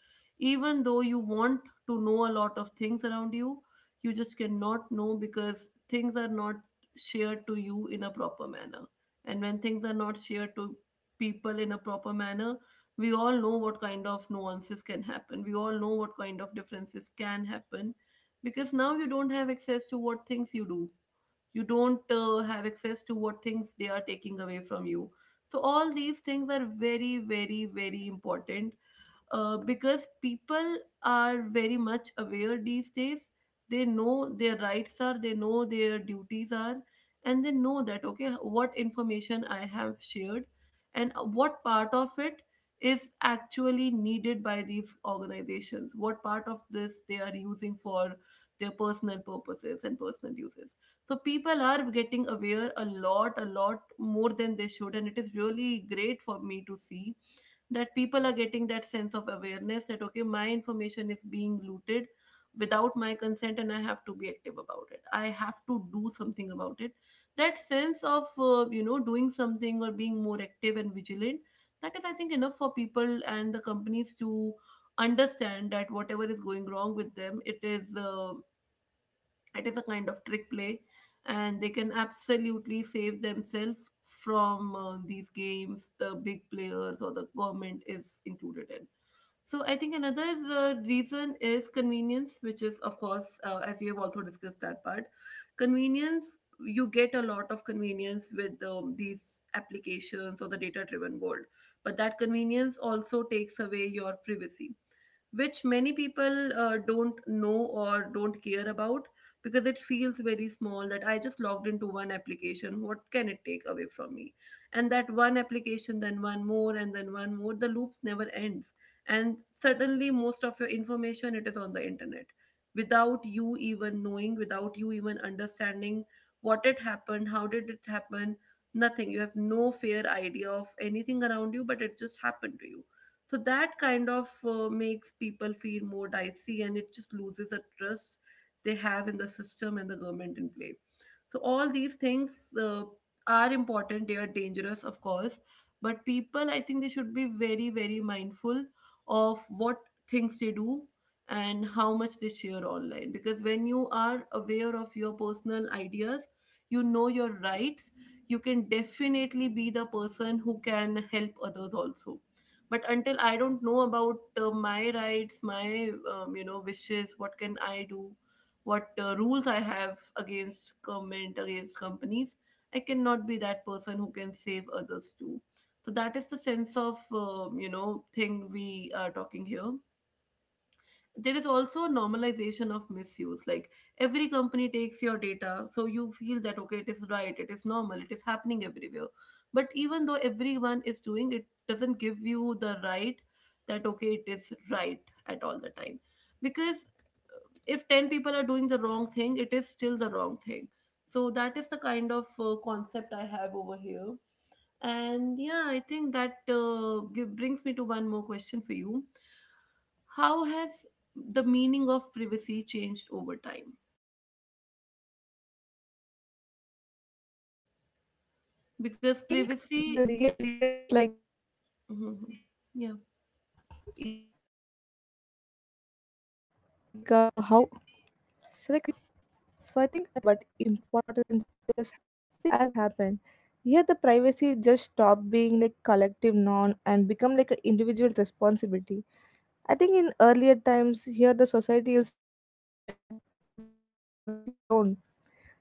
[SPEAKER 1] Even though you want to know a lot of things around you, you just cannot know because things are not shared to you in a proper manner. And when things are not shared to people in a proper manner, we all know what kind of nuances can happen, we all know what kind of differences can happen, because now you don't have access to what things you do, you don't have access to what things they are taking away from you. So all these things are very very very important, because people are very much aware these days. They know their rights are, they know their duties are, and they know that, okay, what information I have shared, and what part of it is actually needed by these organizations, what part of this they are using for their personal purposes and personal uses. So people are getting aware a lot more than they should, and it is really great for me to see that people are getting that sense of awareness that, okay, my information is being looted without my consent, and I have to be active about it, I have to do something about it. That sense of doing something or being more active and vigilant, that is, I think, enough for people and the companies to understand that whatever is going wrong with them, it is a kind of trick play, and they can absolutely save themselves from these games the big players or the government is included in. So I think another reason is convenience, which is of course as you have also discussed that part. Convenience, you get a lot of convenience with these applications or the data driven world, but that convenience also takes away your privacy, which many people don't know or don't care about, because it feels very small, that I just logged into one application. What can it take away from me? And that one application, then one more, and then one more, the loops never ends. And suddenly, most of your information, it is on the internet without you even knowing, without you even understanding what it happened, how did it happen, nothing. You have no fair idea of anything around you, but it just happened to you. So that kind of makes people feel more dicey, and it just loses the trust they have in the system and the government in play. So all these things are important, they are dangerous, of course, but people, I think, they should be very very mindful of what things they do and how much they share online, because when you are aware of your personal ideas, you know your rights, you can definitely be the person who can help others also. But until I don't know about my rights, my wishes, what can I do, what rules I have against government, against companies, I cannot be that person who can save others too. So that is the sense of thing we are talking here. There is also normalization of misuse, like every company takes your data, so you feel that, okay, it is right, it is normal, it is happening everywhere. But even though everyone is doing it, doesn't give you the right that, okay, it is right at all the time, because if 10 people are doing the wrong thing, it is still the wrong thing. So that is the kind of concept I have over here. And yeah, I think that brings me to one more question for you. How has the meaning of privacy changed over time?
[SPEAKER 2] I
[SPEAKER 1] Because
[SPEAKER 2] think the
[SPEAKER 1] privacy.
[SPEAKER 2] real reason is like how.
[SPEAKER 1] Mhm. Yeah.
[SPEAKER 2] Yeah. Should I continue? So I think as the meaning of privacy just kept shifting, and something subtle, but important just happened. Here the privacy just stopped being like collective norm and become like an individual responsibility. I think in earlier times here the society also protected the privacy alone.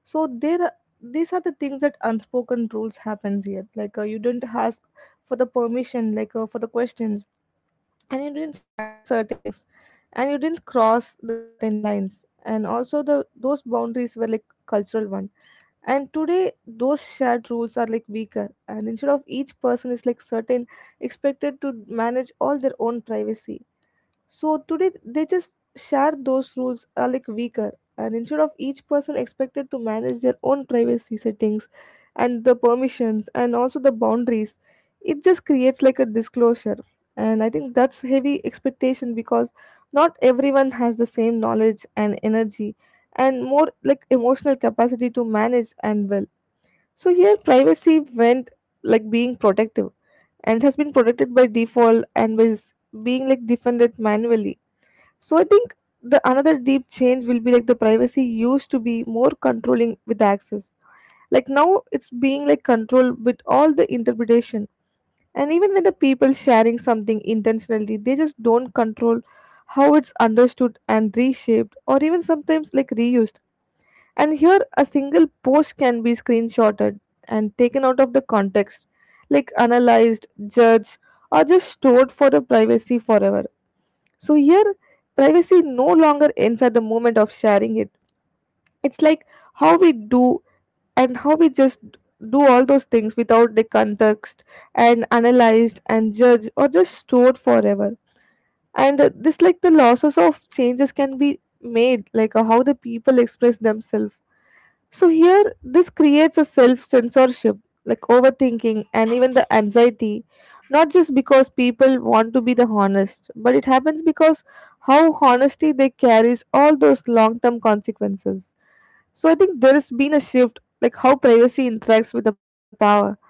[SPEAKER 2] So these are the things that unspoken rules happens here. Like you don't ask for the permission, like for the questions. And you didn't share the certain things, and you didn't cross the certain lines, and also the those boundaries were like cultural one. And today those shared rules are like weaker, and instead of each person is like certain expected to manage all their own privacy. So today they just share those rules are like weaker, and instead of each person expected to manage their own privacy settings and the permissions and also the boundaries, it just creates like a disclosure. And I think that's heavy expectation because not everyone has the same knowledge and energy, and more like emotional capacity to manage and well. So here privacy went like being protective, and it has been protected by default and was being like defended manually. So I think the another deep change will be like the privacy used to be more controlling with access. Like now it's being like controlled with all the interpretation. And even when the people sharing something intentionally, they just don't control how it's understood and reshaped or even sometimes like reused. And here a single post can be screenshotted and taken out of the context, like analyzed, judged, or just stored for the privacy forever. So here, privacy no longer ends at the moment of sharing it. It's like how we do and how we just do all those things without the context and analyzed and judged or just stored forever. And this, like the losses of changes, can be made, like how the people express themselves. So here, this creates a self censorship, like overthinking and even the anxiety, not just because people want to be the honest, but it happens because how honesty they carries all those long term consequences. So I think there has been a shift, like how privacy interacts with the power.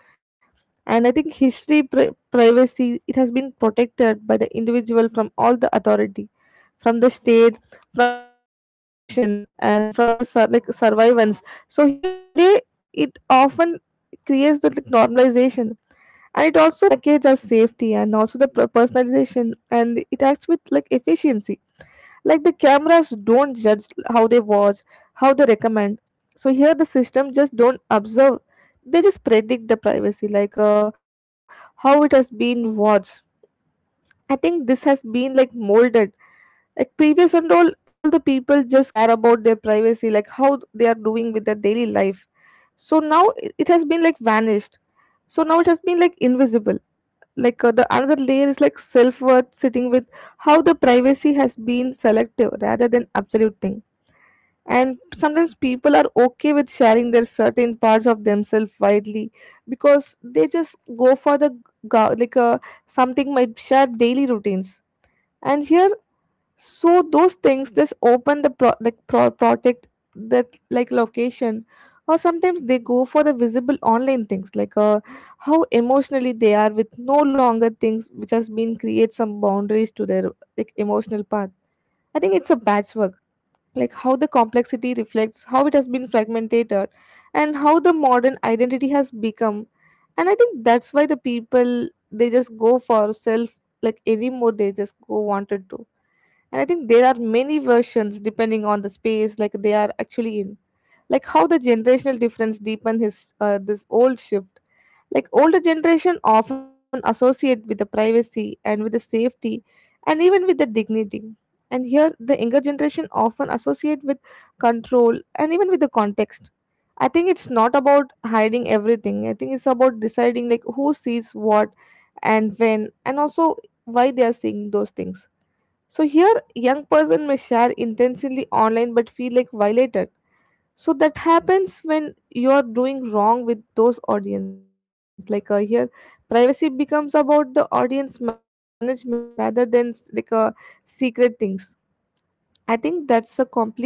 [SPEAKER 2] And I think history privacy, it has been protected by the individual from all the authority, from the state, from the institution, and from the like survivance. So here today it often creates the, like, normalization, and it also packages as safety and also the personalization, and it acts with like efficiency, like the cameras don't judge how they watch, how they recommend. So here the system just don't observe. They just predict the privacy, like how it has been watched. I think this has been like molded. Like previous and all the people just care about their privacy, like how they are doing with their daily life. So now it has been like vanished. So now it has been like invisible like the another layer is like self-worth sitting with how the privacy has been selective rather than absolute thing, and sometimes people are okay with sharing their certain parts of themselves widely because they just go for the go- like uh, something might share daily routines and here, so those things just open the product that like location, or sometimes they go for the visible online things like how emotionally they are with no longer things which has been create some boundaries to their like emotional path. I think it's a patchwork, like how the complexity reflects how it has been fragmented and how the modern identity has become. And I think that's why the people, they just go for self like anymore they just go wanted to. And I think there are many versions depending on the space like they are actually in. Like how the generational difference deepen his this old shift. Like older generation often associate with the privacy and with the safety and even with the dignity. And here the younger generation often associate with control and even with the context. I think it's not about hiding everything. I think it's about deciding like who sees what, and when, and also why they are seeing those things. So here, young person may share intentionally online but feel like violated. So that happens when you are doing wrong with those audience. Like here, privacy becomes about the audience management rather than secret things. I think that's a complete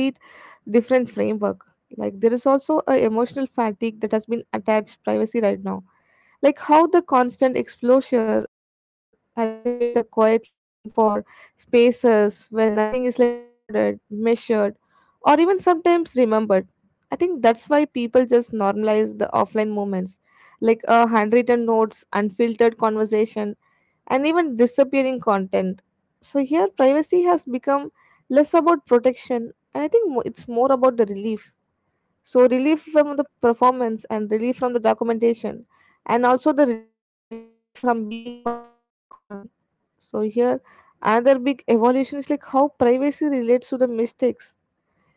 [SPEAKER 2] different framework. Like there is also a emotional fatigue that has been attached privacy right now. Like how the constant exposure has created a quiet longing for spaces where nothing is like recorded, measured, or even sometimes remembered. I think that's why people just normalize the offline moments, like a handwritten notes, unfiltered conversation, and even disappearing content. So here, privacy has become less about protection, and I think it's more about the relief. So relief from the performance, and relief from the documentation, and also the relief from being constantly on. So here, another big evolution is like how privacy relates to the mistakes.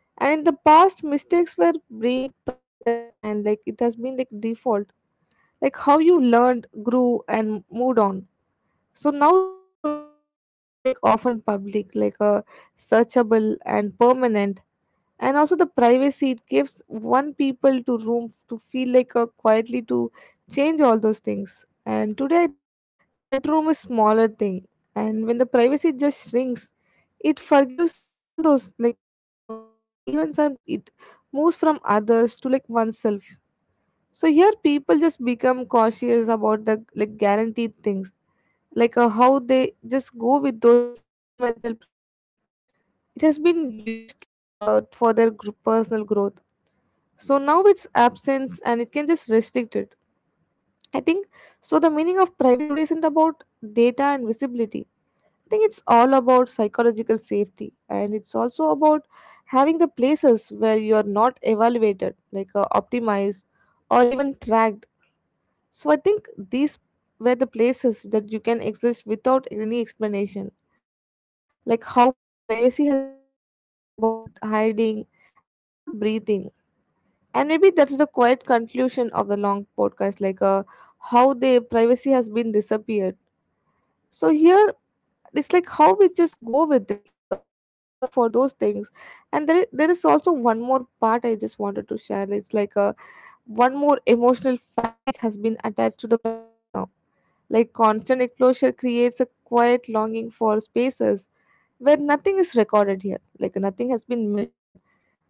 [SPEAKER 2] And in the past, mistakes were being privated, and like it has been like default, like how you learned, grew, and moved on. So now those mistakes are feel like often public, like searchable and permanent. And also the privacy it gives one people to to feel like quietly to change all those things. And today I think that room is smaller thing, and when the privacy just shrinks, it forgives all those like harder, and even sometimes it moves from others to like oneself. So here people just become cautious about the like guaranteed things, like how they just go with those experimental privacy. It has been used like for their personal growth. So now it's absence and it can just restrict it, I think. So the meaning of privacy today isn't about data and visibility. I think it's all about psychological safety, and it's also about having the places where you're not evaluated, like optimized or even tracked. So I think these were the places that you can exist without any explanation, like how privacy has become less about hiding and more about breathing. And maybe that's the quiet conclusion of the long podcast, like how the privacy has been disappeared. So here, it's like how we just go with it, like how we go for those things. And there is also one more part I just wanted to share. It's like one more emotional fatigue has been attached to the privacy now. Like constant exposure creates a quiet longing for spaces where nothing is recorded here, like nothing has been measured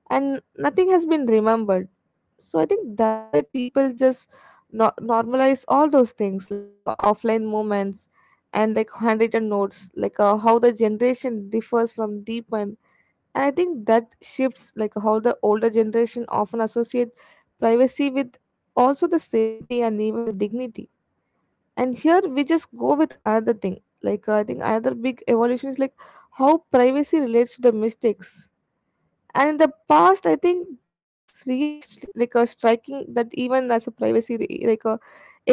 [SPEAKER 2] and nothing has been remembered. So I think that's why people just normalize all those things, like offline moments and like handwritten notes, like how the generation differs from deep. And I think that shifts, like how the older generation often associate privacy with also the safety and even the dignity. And here we just go with another thing, like I think another big evolution is like how privacy relates to the mistakes. And in the past, I think they just really striking that even as a privacy,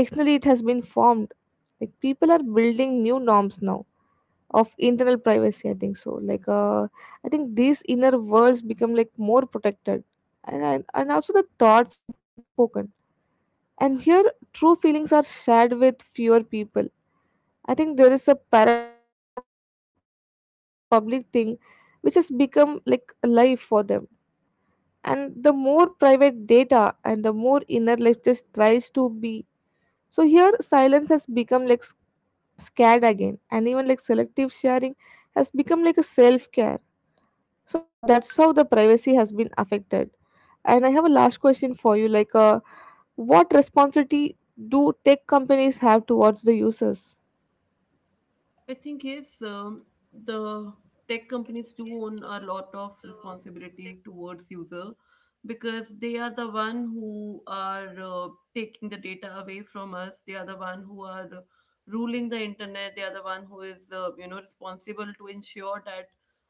[SPEAKER 2] externally it has been formed. Like people are building new norms now of internal privacy, I think so, like I think these inner worlds become like more protected, and also the thoughts are kept unspoken. And here true feelings are shared with fewer people. I think there is a paradox here. So there is more public thing which has become like a life for them, and the more private data and the more inner life just tries to be. So here silence has become like scared again, and even like selective sharing has become like a self care. So I think that's how the privacy has been affected. And I have a last question for you, like what responsibility do tech companies have towards the users?
[SPEAKER 1] I think yes, the tech companies do own a lot of responsibility towards user, because they are the one who are taking the data away from us. They are the one who are ruling the internet. They are the one who is responsible to ensure that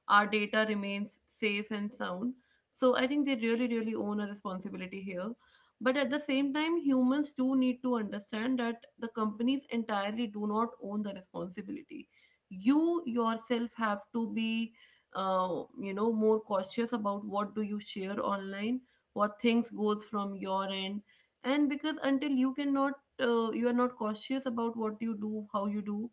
[SPEAKER 1] our data remains safe and sound. So I think they really really own a responsibility here. But at the same time, humans do need to understand that the companies entirely do not own the responsibility. You yourself have to be more cautious about what do you share online, what things goes from your end. And because until you cannot you are not cautious about what you do, how you do,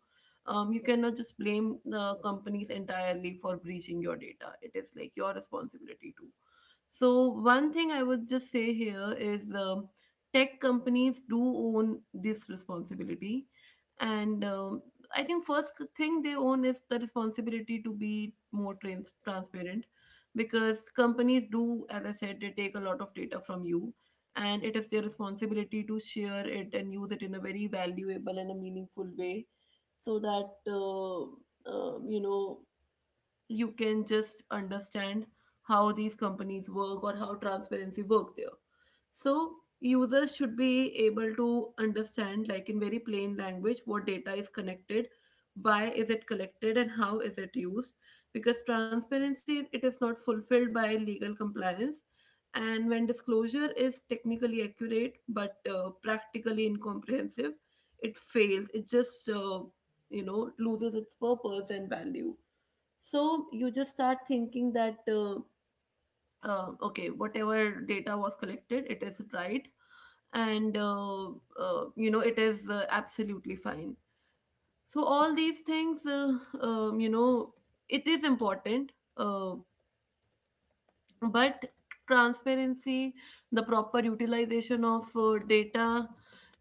[SPEAKER 1] you cannot just blame the companies entirely for breaching your data. It is like your responsibility too. So one thing I would just say here is, tech companies do own this responsibility, and I think first thing they own is the responsibility to be more transparent, because companies do, as I said, they take a lot of data from you, and it is their responsibility to share it and use it in a very valuable and a meaningful way, so that um, you know you can just understand how these companies work or how transparency work there. So users should be able to understand, like, in very plain language, what data is connected, why is it collected, and how is it used. Because transparency, it is not fulfilled by legal compliance, and when disclosure is technically accurate but practically incomprehensive, it fails, it just loses its purpose and value. So you just start thinking that, okay, whatever data was collected, it is right. And, it is absolutely fine. So all these things, it is important. Uh, but transparency, the proper utilization of data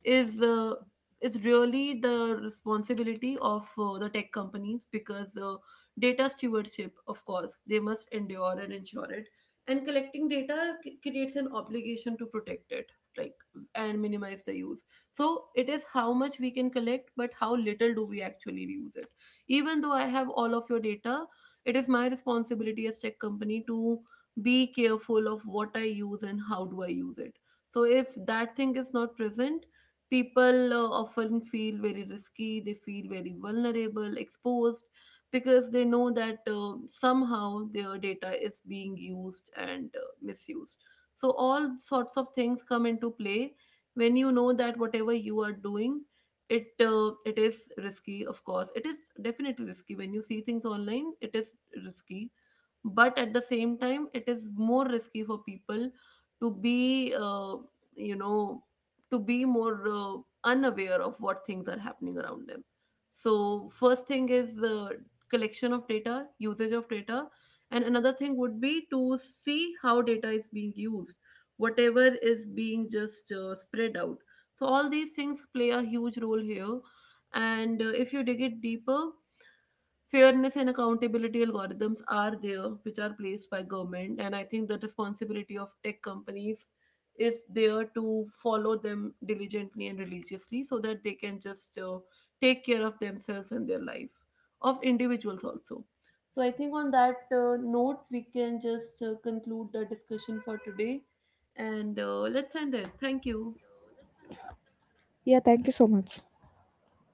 [SPEAKER 1] is uh, is really the responsibility of the tech companies, because data stewardship, of course, they must endure and ensure it. And collecting data creates an obligation to protect it, like, and minimize the use. So it is how much we can collect, but how little do we actually use it. Even though I have all of your data, it is my responsibility as tech company to be careful of what I use and how do I use it. So if that thing is not present, people often feel very risky, they feel very vulnerable, exposed, because they know that somehow their data is being used and misused. So all sorts of things come into play when you know that whatever you are doing, it is risky. Of course it is definitely risky. When you see things online, it is risky. But at the same time, it is more risky for people to be you know to be more unaware of what things are happening around them. So first thing is the collection of data, usage of data, and another thing would be to see how data is being used, whatever is being just spread out. So all these things play a huge role here. And if you dig it deeper, fairness and accountability algorithms are there, which are placed by government, and I think the responsibility of tech companies is there to follow them diligently and religiously, so that they can just take care of themselves and their life, of individuals also. So I think on that note, we can just conclude the discussion for today, and let's end it. Thank you.
[SPEAKER 2] Yeah, thank you so much.